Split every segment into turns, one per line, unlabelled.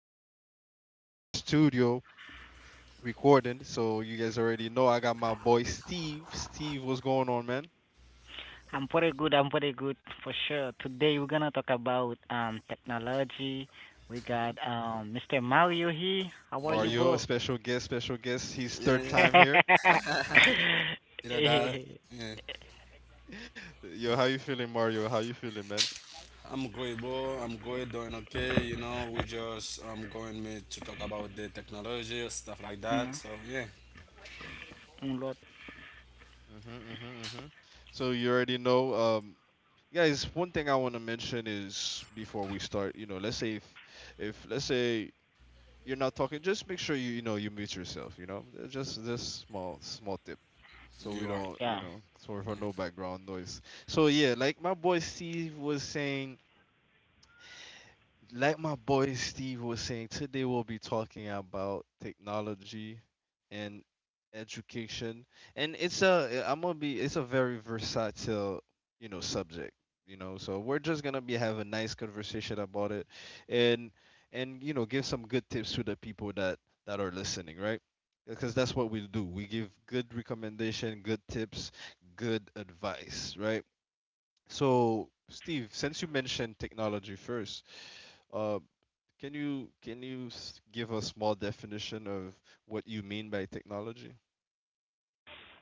a whole day in the studio recording. So you guys already know I got my boy Steve. Steve, what's going on, man?
I'm pretty good. I'm pretty good for sure. Today we're gonna talk about technology. We
hmm
got Mr. Mario here. How are you,
Yeah,
Mario, a
bro?
special guest, special guest. He's
yeah,
third time here.
yeah. You know that. Yeah,
Yo, how you feeling, Mario? How you feeling, man?
I'm great, bro. I'm great, doing okay. We just going me to talk about the technology stuff like
Mm,
that. So yeah,
Lord,
hmm hmm hmm So you already know, guys. One thing I want to mention is before we start, you know, let's say if let's say you're not talking, just make sure you mute yourself. Just this small tip, so
you
we
are.
don't
yeah.
so
Yeah.
for no background noise. So yeah, like my boy Steve was saying, like my boy Steve was saying, today we'll be talking about technology and education. And it's a I'm gonna be it's a very versatile, you know, subject, you know. So we're just gonna be have a nice conversation about it and and you know, give some good tips to the people that are listening, right? Because that's what we do. We give good recommendation, good tips, good advice, right? So Steve, since you mentioned technology first, uh. Can you give a small definition of what you mean by technology?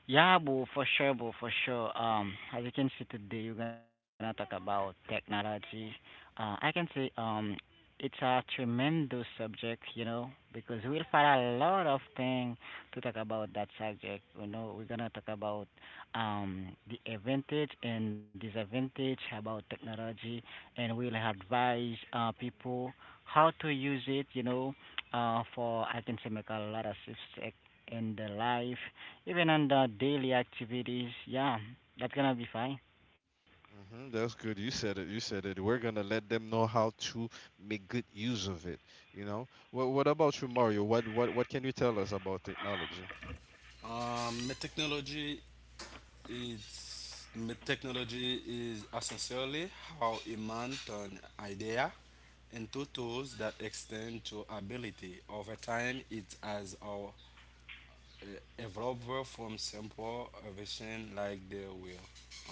Yeah, boo, for sure, boo, for sure. As you can see today, we're gonna talk about technology. I can say it's a tremendous subject, you know, because we'll find a lot of things to talk about that subject. You know, we're gonna talk about the advantage and disadvantage about technology, and we'll advise people how to use it, you know, for I can say make a lot of success in their life even on the daily activities, yeah, that's gonna be fine.
That's good. You said it. You said it. We're gonna let them know how to make good use of it. You know. What about you, Mario? What can you tell us about technology?
Um, my technology my technology is essentially how a man turn idea into tools that extend to ability. Over time, it has our developer from simple version like they will,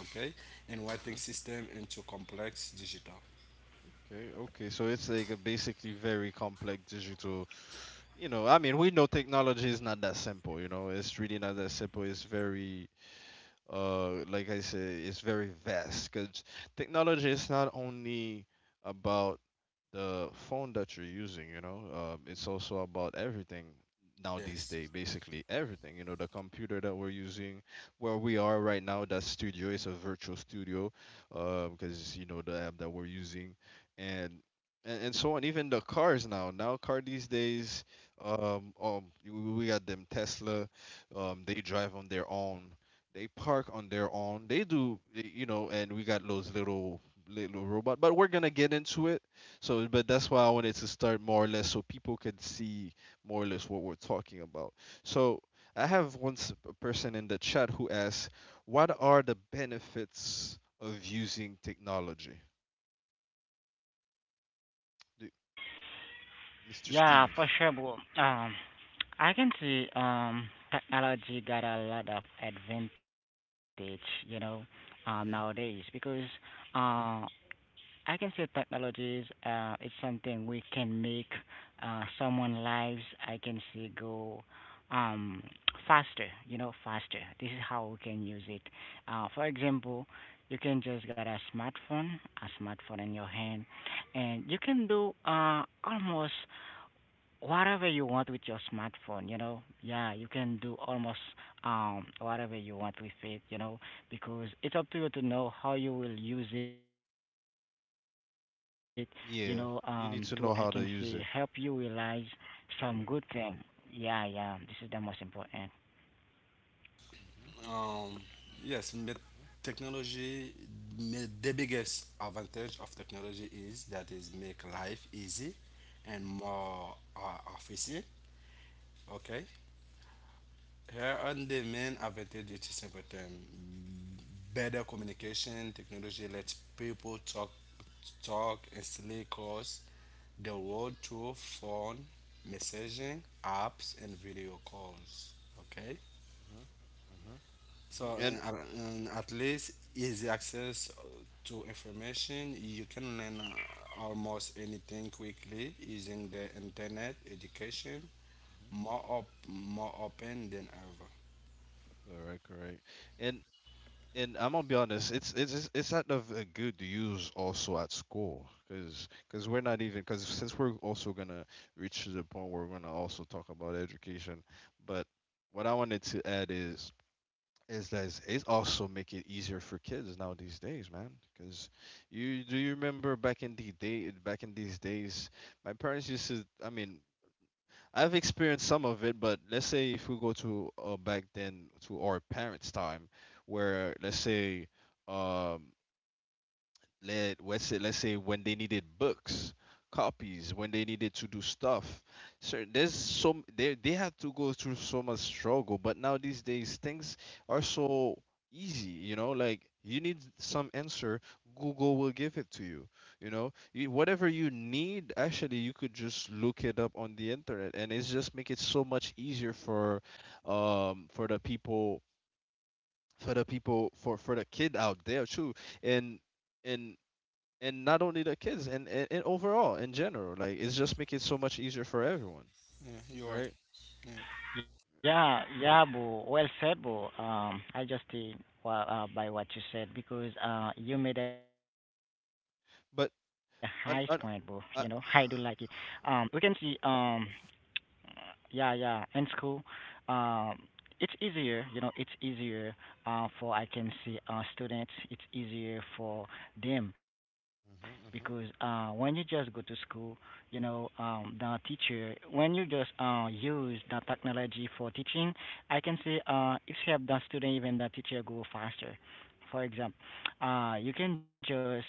okay, and writing
hmm
system into complex digital.
Okay. Okay. So it's like a basically very complex digital. You know. I mean, we know technology is not that simple. You know, it's really not that simple. It's very like I said, it's very vast because technology is not only about the phone that you're using, you know, it's also about everything now these
Yes.
days, basically everything. You know, the computer that we're using, where we are right now, that studio is a virtual studio, because you know the app that we're using, and and so on. Even the cars now, now car these days, we got them Tesla, they drive on their own. They park on their own. You know, and we got those little robot. But we're gonna get into it so, but that's why I wanted to start more or less so people can see more or less what we're talking about. So, I have one s- a person in the chat who asks, "What are the benefits of using technology?" Do- Mr.
Yeah,
Steve.
for sure, bro. I can see technology got a lot of advantage, you know, nowadays
Mhm.
because uh I can say technologies is something we can make someone lives. I can say go um, faster. You know, faster. This is how we can use it. For example, you can just get a smartphone in your hand, and you can do almost whatever you want with your smartphone, you know. Yeah, you can do almost whatever you want with it, you know, because it's up to you to know how you will use it, to I can say help
Yeah,
you
you need
realize
to know how to use
some
it.
good thing. Yeah, yeah, this is the most important.
Mhm.
Um, yes, but
Mhm.
technology, the biggest advantage of technology is that is make life easy and more efficient, okay. Here are the main advantages to simple term. Better communication technology lets people talk instantly across the world through phone, messaging, apps, and video calls. Okay?
Mhm. hmm
So,
And
at least easy access to information. You can learn almost anything quickly using the internet education
Mhm.
more, more open than ever.
correct, correct. And I'm gonna be honest, it's not of good to use also at school, cause cause we're not even cause since we're also gonna reach to the point where we're gonna also talk about education, but what I wanted to add is that it's also make it easier for kids now these days, man. Cause you remember back in the day back in these days, my parents used to I mean I've experienced some of it, but let's say if we go to back then to our parents' time, where let's say um, let's say when they needed books copies when they needed to do stuff so there's some they had to go through so much struggle but now these days things are so easy, you know, like you need some answer, Google will give it to you. You know you, whatever you need actually, you could just look it up on the internet and it's just make it so much easier for the people, for the people, for the kid out there too and and and not only the kids and overall in general, like it's just make it so much easier for everyone,
Yeah, you're right.
right?
Yeah, yeah, boo, well said, boo. By what you said, because you made a high point, boo, you know. I do
But
like it.
an, an,
We can see
uh,
yeah, yeah, in school, um it's easier, you know, it's easier for I can see students. It's easier for them because when you just go to school, the teacher, when you just use the technology for teaching, I can see, it help the student, even the teacher, go faster. For example, you can just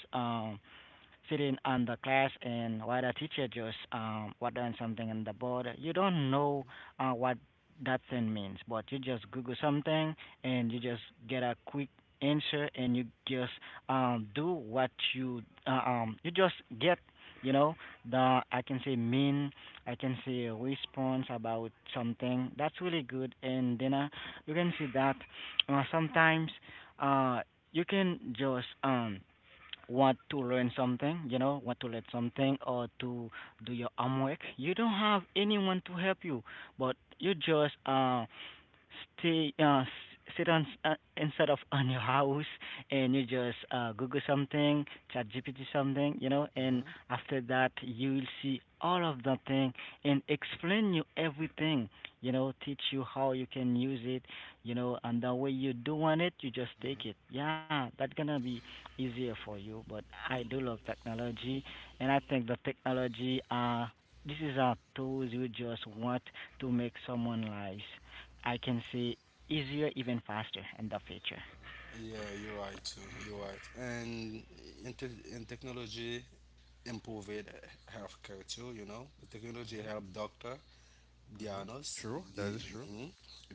sitting on the class, and while the teacher just what doing something on the board, you don't know what that thing means, but you just google something and you just get a quick answer, and you just do what you you just get, you know, the I can say mean, I can say response about something. That's really good. And then you can see that sometimes uh you can just want to learn something, you know, want to learn something, or to do your homework, you don't have anyone to help you, but you just stay s- sit on s- instead of on your house, and you just google something, chat gpt something, you know. And after that you will see all of the thing and explain you everything, you know, teach you how you can use it, you know. And the way you do want it, you just take it. Yeah, that's gonna be easier for you. But I do love technology, and I think the technology, this is a tools you just want to make someone lives, I can say, easier, even faster in the future.
Yeah, you're right too. You're right. And in technology, improved healthcare too. You know, the technology help doctor diagnose
true, that
the
is true.
mhm,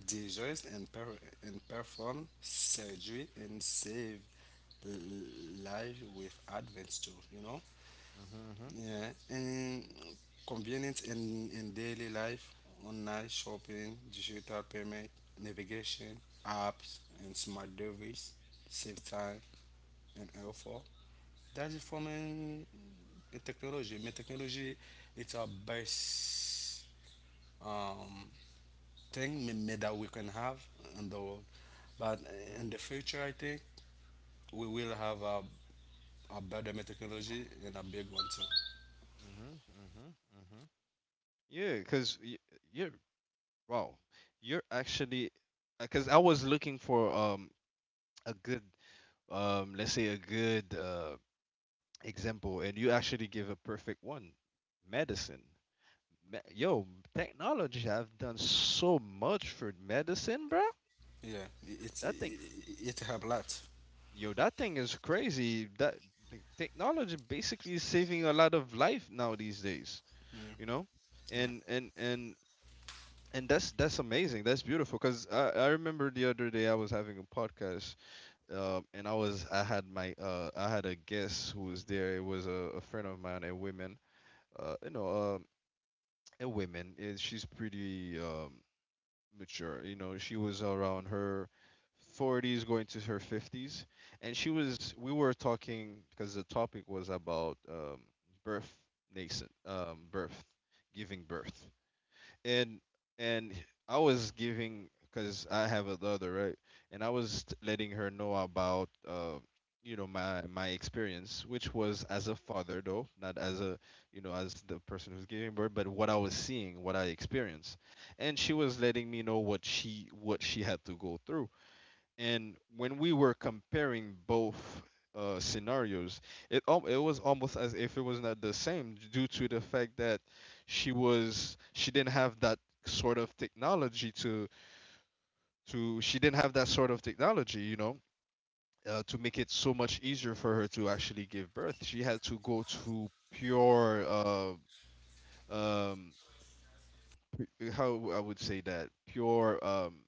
disease and perform surgery and save l- life with advance too. You know. Yeah, and convenience in daily life, online shopping, digital payment, navigation, apps, and smart devices save time and effort. That's it for me, the technology. My technology, it's our best um, thing me that we can have in the world. But in the future, I think we will have a better technology and a big one too.
Yeah, because you're wow, you're actually, because I was looking for a good, let's say a good example, and you actually give a perfect one: medicine. Yo, technology have done so much for medicine, bro.
Yeah, it,
That thing,
it help a lot.
yo, that thing is crazy. That the technology basically is saving a lot of life now these days,
Yeah.
you know,
Yeah.
and and and and that's amazing. That's beautiful. Cause I remember the other day I was having a podcast, and I had my I had a guest who was there. It was a friend of mine, a woman, you know, um, a woman. She's pretty mature. You know, she was around her 40s, going to her 50s, and she was. We were talking because the topic was about birth, birth, giving birth, and and I was giving, because I have a daughter, right? And letting her know about you know my my experience, which was as a father though, not as a you know as the person who's giving birth, but what I was seeing, what I experienced, and she was letting me know what she had to go through and when we were comparing both scenarios, it was almost as if it was not the same due to the fact that she didn't have that sort of technology to she didn't have that sort of technology, you know, to make it so much easier for her to actually give birth. She had to go to pure um how I would say that pure um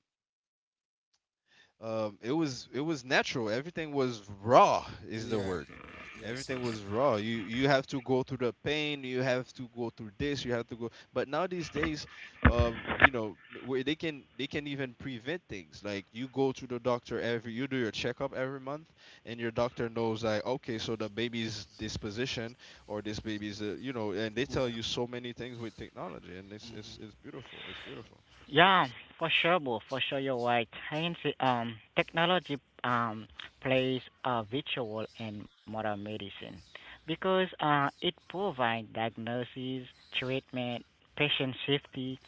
um, it was natural. Everything was raw is the
Yeah.
word.
Yes,
Everything
yes.
was raw. You have to go through the pain. You have to go through this. You have to go. But now these days, you know, where they can even prevent things. Like you go to the doctor every, you do your checkup every month, and your doctor knows like, okay, so the baby's disposition or this baby's, you know, and they tell
Yeah.
you so many things with technology, and it's beautiful. It's beautiful.
Yeah, for sure, bro. For sure, you're right. I can say technology um plays a virtual in modern medicine because it provides diagnosis, treatment, patient safety,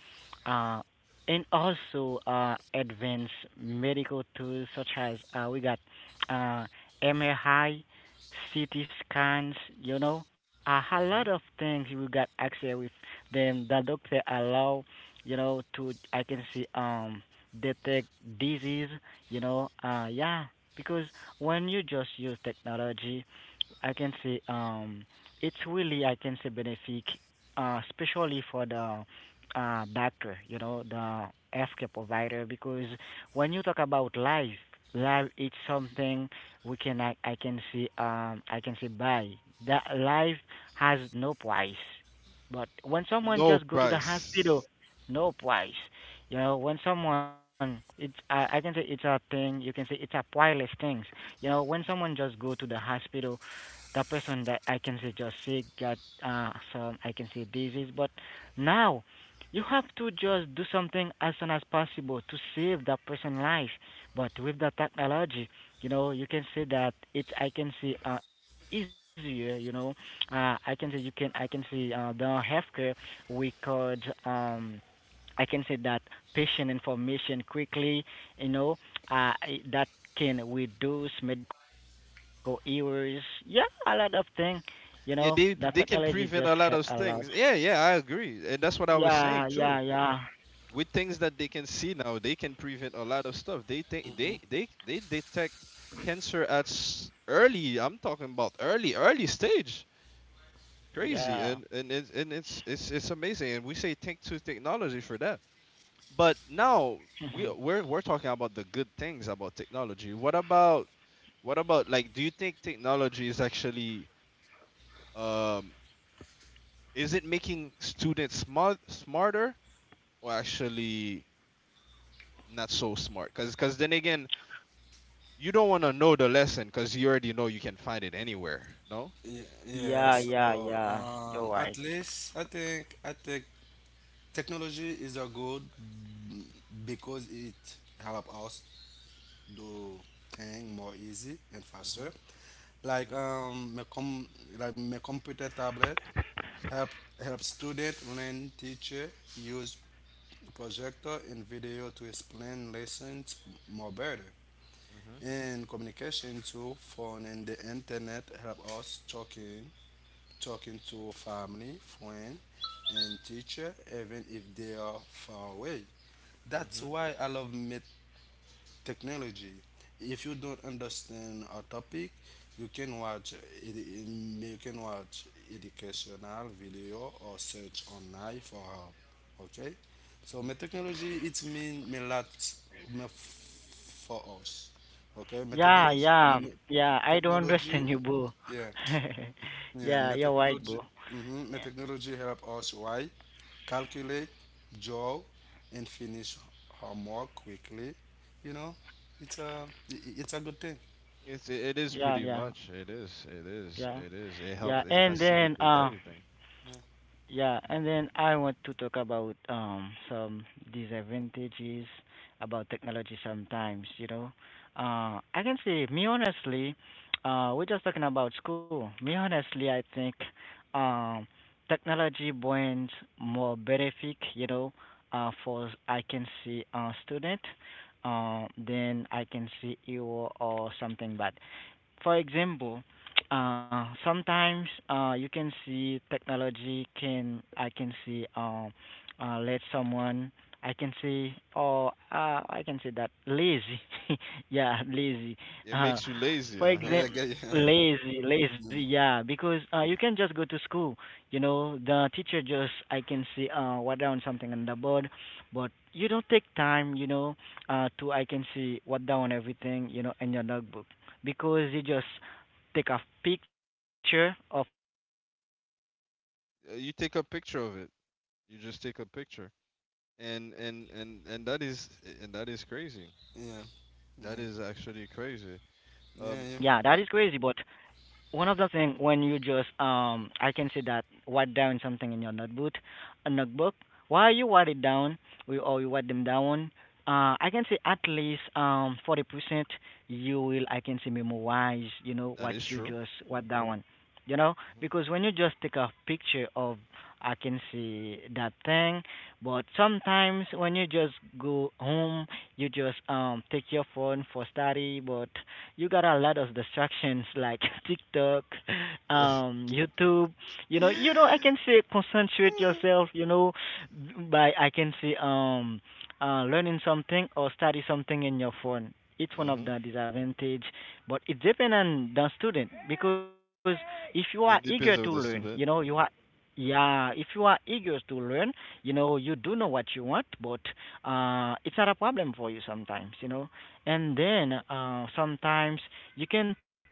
uh, and also advanced medical tools such as we got uh MRI, CT scans. You know, a lot of
hmm
things we got access with them. The doctor allow, you know, to I can see detect disease, you know, yeah, because when you just use technology, I can say it's really I can say benefit, especially for the doctor, you know, the healthcare provider, because when you talk about life, life it's something we can I can see I can say buy. That life has no price. But when someone
No
just go to the hospital,
price.
no price. You know, when someone it's I can say it's a thing. You can say it's a priceless things. You know, when someone just go to the hospital, the person that I can say just sick, got some I can say disease. But now you have to just do something as soon as possible to save that person's life. But with the technology, you know, you can say that it's I can say easier. You know, I can say you can I can say the healthcare we could I can say that patient information quickly, you know, uh, that can reduce medical errors. Yeah, a lot of things. You know, the
Yeah,
technology just
they can
help a
prevent a
lot.
lot of things. Yeah, yeah, I agree, and that's what I
Yeah,
was
yeah,
saying
yeah,
too. With things that they can see now, they can prevent a lot of stuff. They think they detect cancer at early. I'm talking about early early stage. Crazy,
yeah.
and and it's it's amazing, and we say thank to technology for that. But now we
Mhm.
we're we're talking about the good things about technology. What about like? Do you think technology is actually um is it making students smarter or actually not so smart? Because cause then again, you don't want to know the lesson because you already know you can find it anywhere. No.
Yeah, yeah.
Yeah, yeah,
So,
yeah. You're
at
right.
least I think technology is a good because it help us do thing more easy and
Mm-hmm.
faster. Like my com like my computer tablet help help student learn teacher use projector and video to explain lessons more better.
Mm-hmm.
And communication too phone and the internet help us talking to family friend and teacher even if they are far away.
Mm-hmm.
That's
Mm-hmm.
why I love meet technology. If you don't understand a topic, you can watch you can watch educational video or search online for help. Okay, so my technology it mean me lot for us. Okay, my
Mm-hmm. mm-hmm.
Yeah,
technology,
yeah,
me
yeah. I do not
technology,
understand you, boo.
yeah. Yeah,
Yeah,
my
you're right,
technology,
boo.
mm-hmm, my technology help us write, calculate, draw, and finish homework quickly. You know, it's it's a good thing.
It's it is pretty
Yeah,
much
yeah, yeah,
it helps
yeah.
it
And then,
facilitate everything.
yeah,
hmm
and then I want to talk about some disadvantages about technology sometimes, you know. I can say, me honestly, we're just talking about school. Me honestly, I think um technology brings more benefit, you know, for I can see a student, then I can see you or something bad. For example, sometimes you can see technology can I can see let someone I can see, or I can say, that lazy, yeah, lazy.
It
Uh,
makes you lazy.
for
Uh-huh.
Yeah,
example,
yeah, yeah,
lazy, lazy,
yeah,
yeah, because you can just go to school. You know, the teacher just I can see write down something on the board, but you don't take time. You know, to I can see what down everything. You know, in your notebook, because you just take a picture of all of them and you just say that yeah, when I
Huh.
just
You
come
take a
home
picture of
I
it.
will
You just take a
yeah,
picture.
a picture of it,
And
yeah.
and
But
and and that
sometimes,
is and that is crazy.
yeah,
yeah,
yeah,
That
yeah,
that is
is
crazy.
actually
But
crazy.
yeah,
Um,
yeah,
one of the thing, when you just I can say that write down something in your notebook, a notebook. While you write it down, we or you write them down, I can say at least 40% you will I can say memorize, you know,
That
what
is
you
true.
just write down. You know, because when you just take a picture of, I can see, that thing, but sometimes when you just go home, you just take your phone for study, but you got a lot of distractions like TikTok,
Mm-hmm.
YouTube. You know, I can say concentrate yourself. You know, by I can say learning something or study something in your phone. It's one of
hmm
the disadvantage, but it depends on the student because if you are eager to
It depends
learn,
on
you
the
know, you
student.
are, yeah, if you are eager to learn, you know, you do know what you want, but it's not a problem for you sometimes, you know. And then sometimes you can take,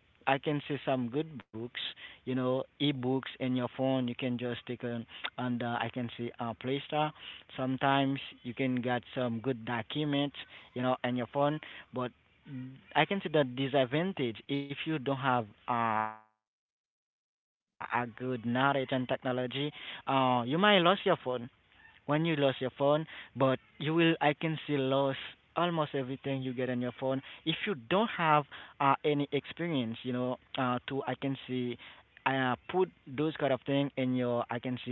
I can see, some good books, you know, e-books in your phone. You can just take on, I can see, Play Store. Sometimes you can get some good documents, you know, in your phone. But I can see the disadvantage, if you don't have a good knowledge and technology, you might lose your phone. When you lost your phone, but you will I can see lose almost everything you get on your phone if you don't have any experience, you know, to I can see put those kind of thing in your, I can see,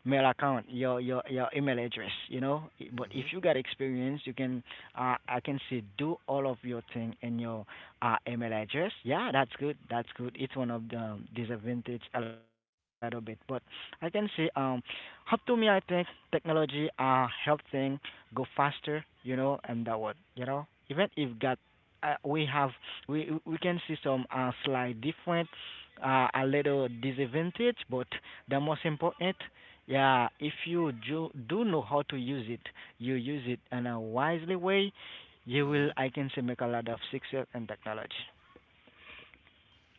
mail account, your your email address, you know. I- But if
hmm
you got experience, you can I can see do all of your thing in your email address. Yeah, that's good. That's good. It's one of the disadvantage a little bit, but I can see how to me, I think technology are helping go faster, you know, and that what, you know, even if got we have, we can see some slight different, a little disadvantage, but the most important, yeah, if you do do know how to use it, you use it in a wisely way, you will
hmm
I can say make a lot of success in technology.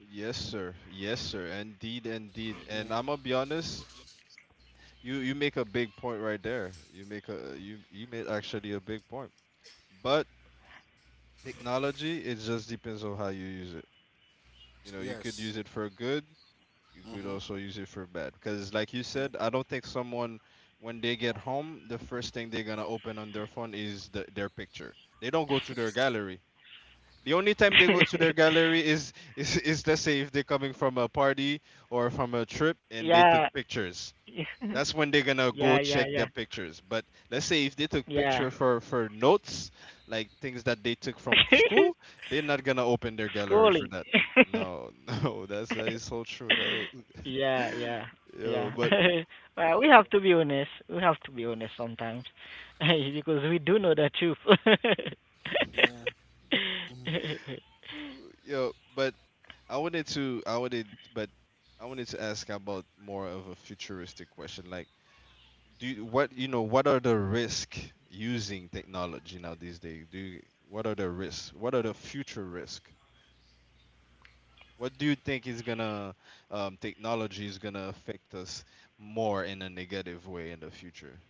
Yes, sir. Yes, sir. Indeed, indeed.
yeah.
And I'm gonna be honest, you make a big point right there. You make a you you made actually a big point. But technology, it just depends on how you use it. You know, you could
Yes.
use it for good, you
Mm-hmm.
could also use it for bed, because like you said, I don't think someone when they get home the first thing they're gonna open on their phone is their picture. They don't go to their gallery. The only time they go to their gallery is, is let's say if they're coming from a party or from a trip and they took
yeah,
pictures, that's when they're gonna
yeah,
go
yeah,
check their
yeah,
pictures. But let's say if they took
yeah.
picture for notes, like things that they took from school, they're not gonna open their gallery for
Schooling.
that. No, no, that's, that is so true. That
Yeah, yeah,
yo,
yeah.
but
Well, we have to be honest. We have to be honest sometimes, because we do know the truth.
Yeah,
yo, but I wanted to, I wanted, but I wanted to ask about more of a futuristic question. Like, what you know, what are the risks using technology now these days? What are the risks? What are the future risks? What do you think is gonna technology is gonna affect us more in a negative way in the future?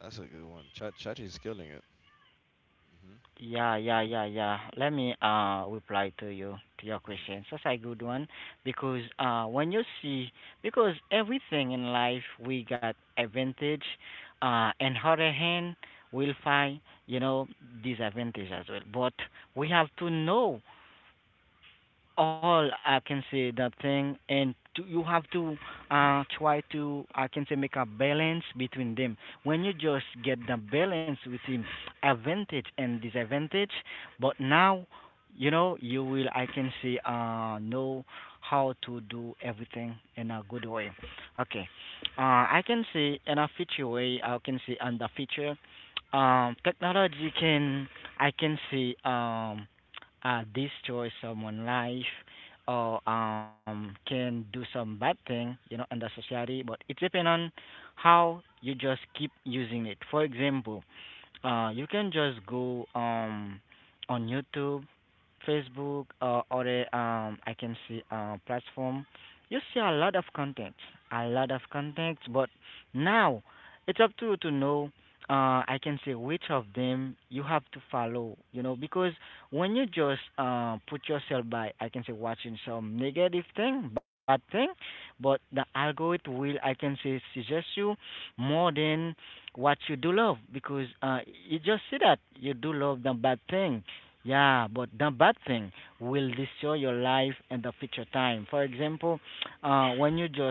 That's a good one. Chat Chachi is killing it. Mm-hmm.
Yeah, yeah, yeah, yeah. Let me reply to you, to your question. That's a good one because when you see, because everything in life we got advantage, and other hand we'll find, you know, disadvantage as well. But we have to know all, I can say, that thing, and to, you have to try to I can say make a balance between them. When you just get the balance within advantage and disadvantage, but now you will I can say know how to do everything in a good way. Okay, I can say in a future way, I can say in the future, technology can, I can say destroy someone's life or, can do some bad thing, you know, in the society. But it depends on how you just keep using it. For example, you can just go, on YouTube, Facebook, or, I can see, platform, you see a lot of content, a lot of content. But now it's up to you to know. I can say which of them you have to follow. You know, because when you just put yourself by, I can say, watching some negative thing, bad thing, but the algorithm will, I can say, suggest you more than what you do love, because you just see that you do love the bad thing, yeah, but the bad thing will destroy your life and the future time. For example, uh, when you just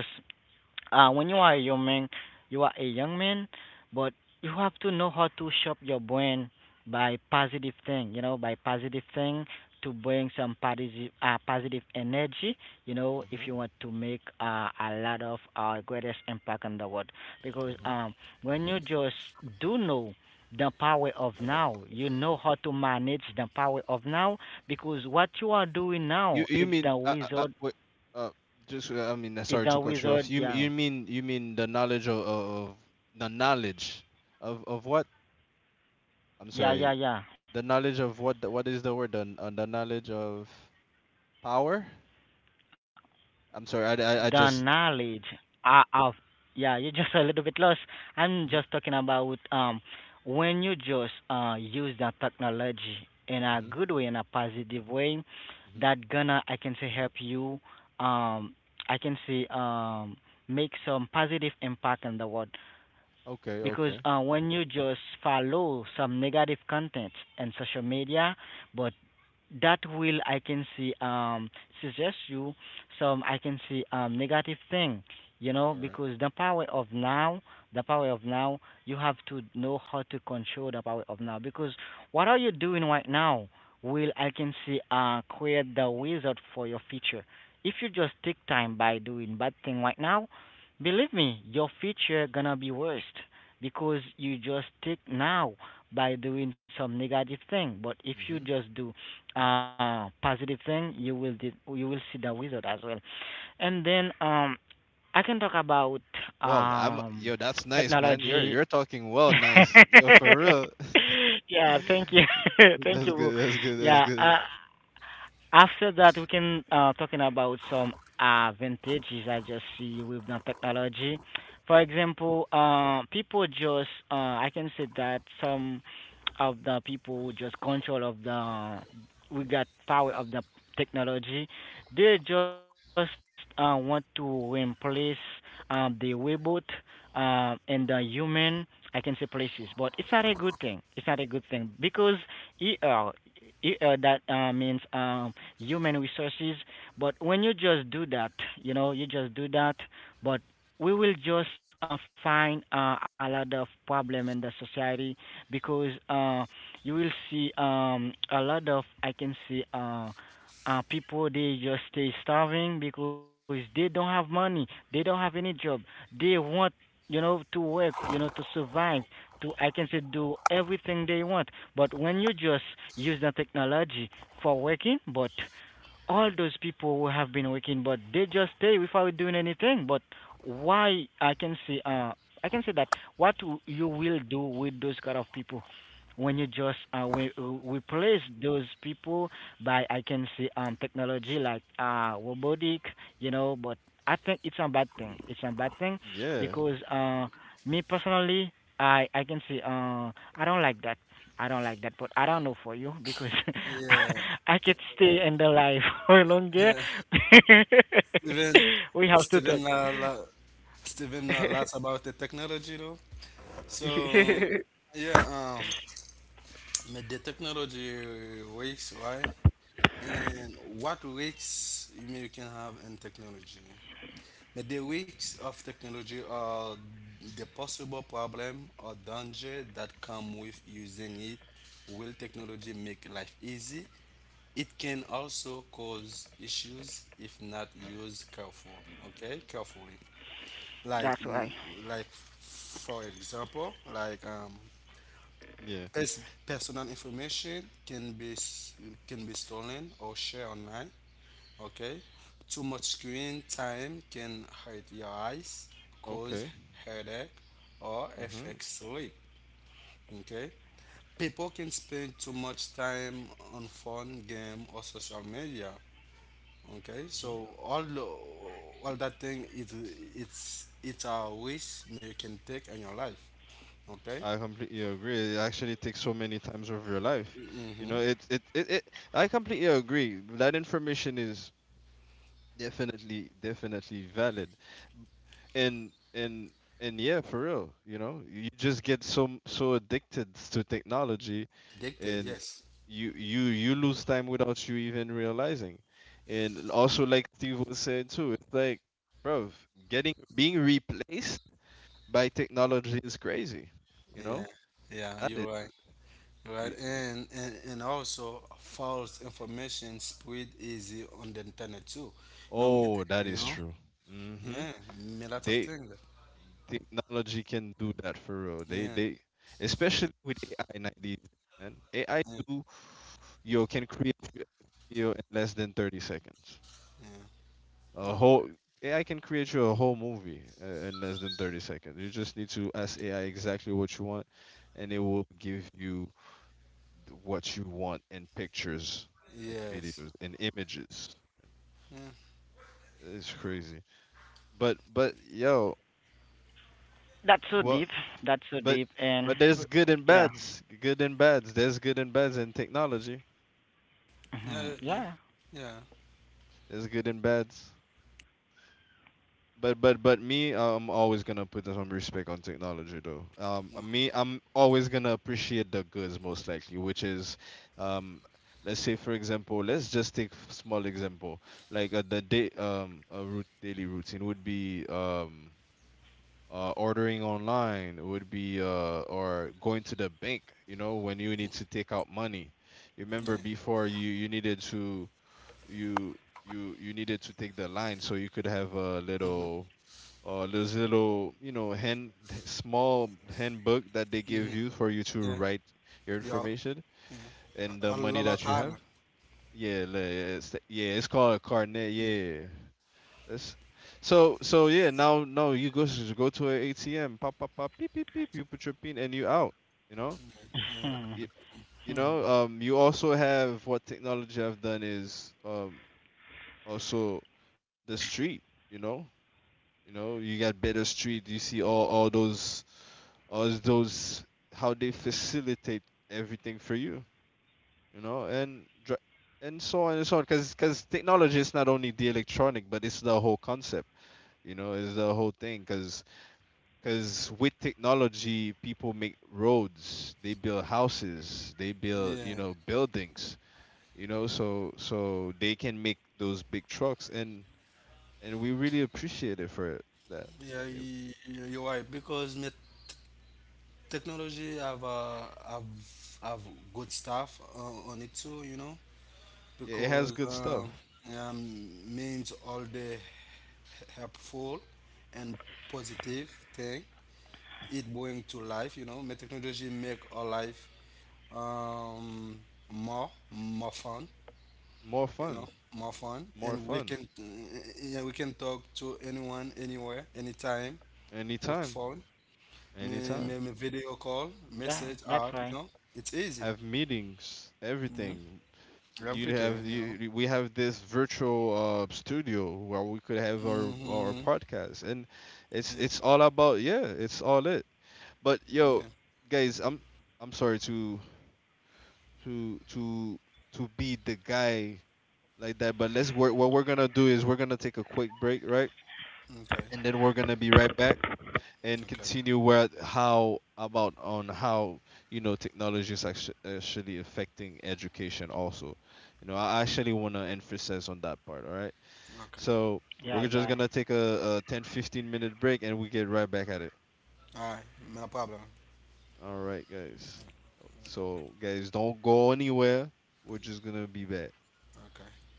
when you are a young man, you are a young man, but you have to know how to shape your brain by positive thing, you know, by positive thing, to bring some positive, positive energy, you know, if
Mm-hmm.
you
Mm-hmm.
want to make a lot of greatest impact on the world. Because
Mm-hmm.
when you just do know the power of now, you know how to manage the power of now, because what you are doing
You
now,
you mean wait uh just I mean,
it's
sorry
the
to cut you
wizard,
off. You
yeah,
you mean you mean the knowledge of, the knowledge of what? I'm
yeah,
sorry.
yeah, yeah.
The knowledge of what, the, what is the word? The knowledge of power? I'm sorry. I
The
just
knowledge of, yeah, you're just a little bit lost. I'm
hmm
just talking about when you just use the technology in a
hmm
good way, in a positive way,
hmm
that gonna, I can say, help you, um I can say make some positive impact in the world,
Okay,
because
okay.
when you just follow some negative content in social media, but that will, I can see, suggest you some, I can see, negative thing, you know,
All right.
because the power of now, the power of now, you have to know how to control the power of now, because what are you doing right now will, I can see, create the wizard for your future. If you just take time by doing bad thing right now, believe me, your future gonna be worse because you just take now by doing some negative thing. But if
Mm-hmm.
you just do positive thing, you will did, you will see the wizard as well, and then I can talk about
Wow, I'm
um
yo, that's nice, man. You're
technology.
you're talking well, nice. Yo, for real.
Yeah, thank you. Thank
That's
you, Wu.
good. That's good. That's
Yeah,
good.
after that, we can, talking about some advantages I just see with the technology. For example, people just, I can say that some of the people who just control of the, we got power of the technology. They just, want to replace, the robot and the human. I can say places, but it's not a good thing. It's not a good thing because ER, ER that, means, human resources. But when you just do that, you know, you just do that, but we will just, find a lot of problem in the society, because you will see, a lot of, I can see, people they just stay starving because they don't have money, they don't have any job, they want, you know, to work, you know, to survive, to, I can say, do everything they want. But when you just use the technology for working, but all those people who have been working but they just stay without doing anything, but why, I can see I can say that what you will do with those kind of people when you just replace those people by, I can say, technology like robotic, you know. But I think it's a bad thing. It's a bad thing
Yeah.
because me personally, I can say I don't like that. I don't like that, but I don't know for you because
yeah.
I could stay in the life for longer.
Steven,
We have to
Steven,
talk.
la, la, Steven, know lots about the technology though. So, yeah, but the technology works, right? And what risks you can have in technology? But the risks of technology are the possible problem or danger that come with using it. Will technology make life easy? It can also cause issues if not used carefully. Like,
That's why.
like for example, like
Yeah.
personal information can be stolen or shared online. Okay? Too much screen time can hurt your eyes, cause
Okay.
headache, or
Mm-hmm.
affect sleep. Okay? People can spend too much time on phone, game, or social media. Okay?
Mm-hmm.
So all the, all that thing is it's a risk you can take in your life. Okay?
I completely agree. It actually takes so many times of your life. You know, it I completely agree. That information is definitely, definitely valid. And, and, and yeah, for real, you know, you just get so, so addicted to technology
Addicted,
and
yes.
you lose time without you even realizing. And also, like Steve was saying too, it's like, bro, getting, being replaced by technology is crazy. You
Yeah.
know,
Yeah, you're
that
right. Right?
is.
And also false information spread easy on the internet too. You know, make-
Oh, that
you
is
know,
true. Mm-hmm.
yeah, a lot of
They
things.
technology can do that for real.
Yeah,
They Especially with AI nowadays, and AI
yeah,
do you can create you a video in less than 30 seconds.
yeah.
A whole AI can create you a whole movie in less than 30 seconds. You just need to ask AI exactly what you want, and it will give you what you want in pictures and
Yes.
videos and images.
Yeah.
It's crazy. But yo,
That's so
what?
deep. That's so
But
deep, and
but there's good and
yeah.
bads. Good and bads. There's good and bads in technology.
Yeah.
Mhm.
Yeah.
Yeah.
Yeah.
There's good and bads. But me, I'm always gonna put some respect on technology though. Me, I'm always gonna appreciate the goods most likely, which is, um, let's say for example, let's just take small example like, the day a root daily routine would be ordering online would be or going to the bank, you know, when you need to take out money. You remember
Yeah.
before you needed to you you needed to take the line so you could have a
Mhm.
little, those little, you know, hand small handbook that they give
Mhm.
you for you to
Yeah.
write your
Yeah.
information
Yeah.
and the
A
money
lot
that
of
you have.
time.
Yeah, like, yeah, it's called a carnet,
Yeah.
yeah, that's, so so yeah, now now you go to an ATM, pop pop pop, beep beep beep, you put your pin and you out, you know?
Yeah.
You, you know, um, you also have what technology have done is also the street, you know? You know, you got better street, you see all those all those how they facilitate everything for you, you know? And so on and so on, cuz cuz technology is not only the electronic, but it's the whole concept, you know, it's the whole thing because. Because with technology, people make roads, they build houses, they build,
Yeah.
you know, buildings, you know, so so they can make those big trucks, and we really appreciate it for it, that.
Yeah.
It,
You're right because technology have have good stuff on it too. You know
it has
because
good stuff.
means all the helpful and positive thing it bring to life. You know, my technology make our life um, more more fun.
More
You
fun,
know, more fun,
more
and we
fun.
can eh, yeah, we can talk to anyone, anywhere, anytime with
Anytime,
phone.
anytime.
Me video call,
Yeah, that's
message
why.
app. You know, it's easy.
Have meetings,
Hmm.
everything. You
Everything.
have
You know.
you, we have this virtual studio where we could have our
Hmm.
podcast, and
Yeah.
it's all about yeah, it's all it. But yo,
Yeah.
guys, I'm sorry to to to be the guy like that. But let's work. What we're gonna do is we're gonna take a quick break, right?
Okay.
And then we're gonna be right back and
Okay.
continue where how about on how, you know, technology is actually affecting education also. You know, I actually wanna emphasize on that part. All right.
Okay.
So
Yeah,
we're just
yeah.
gonna take a 10 15 minute break and we get right back at it.
All right. No problem.
All right, guys. So, guys, don't go anywhere. We're just gonna be back.
Okay.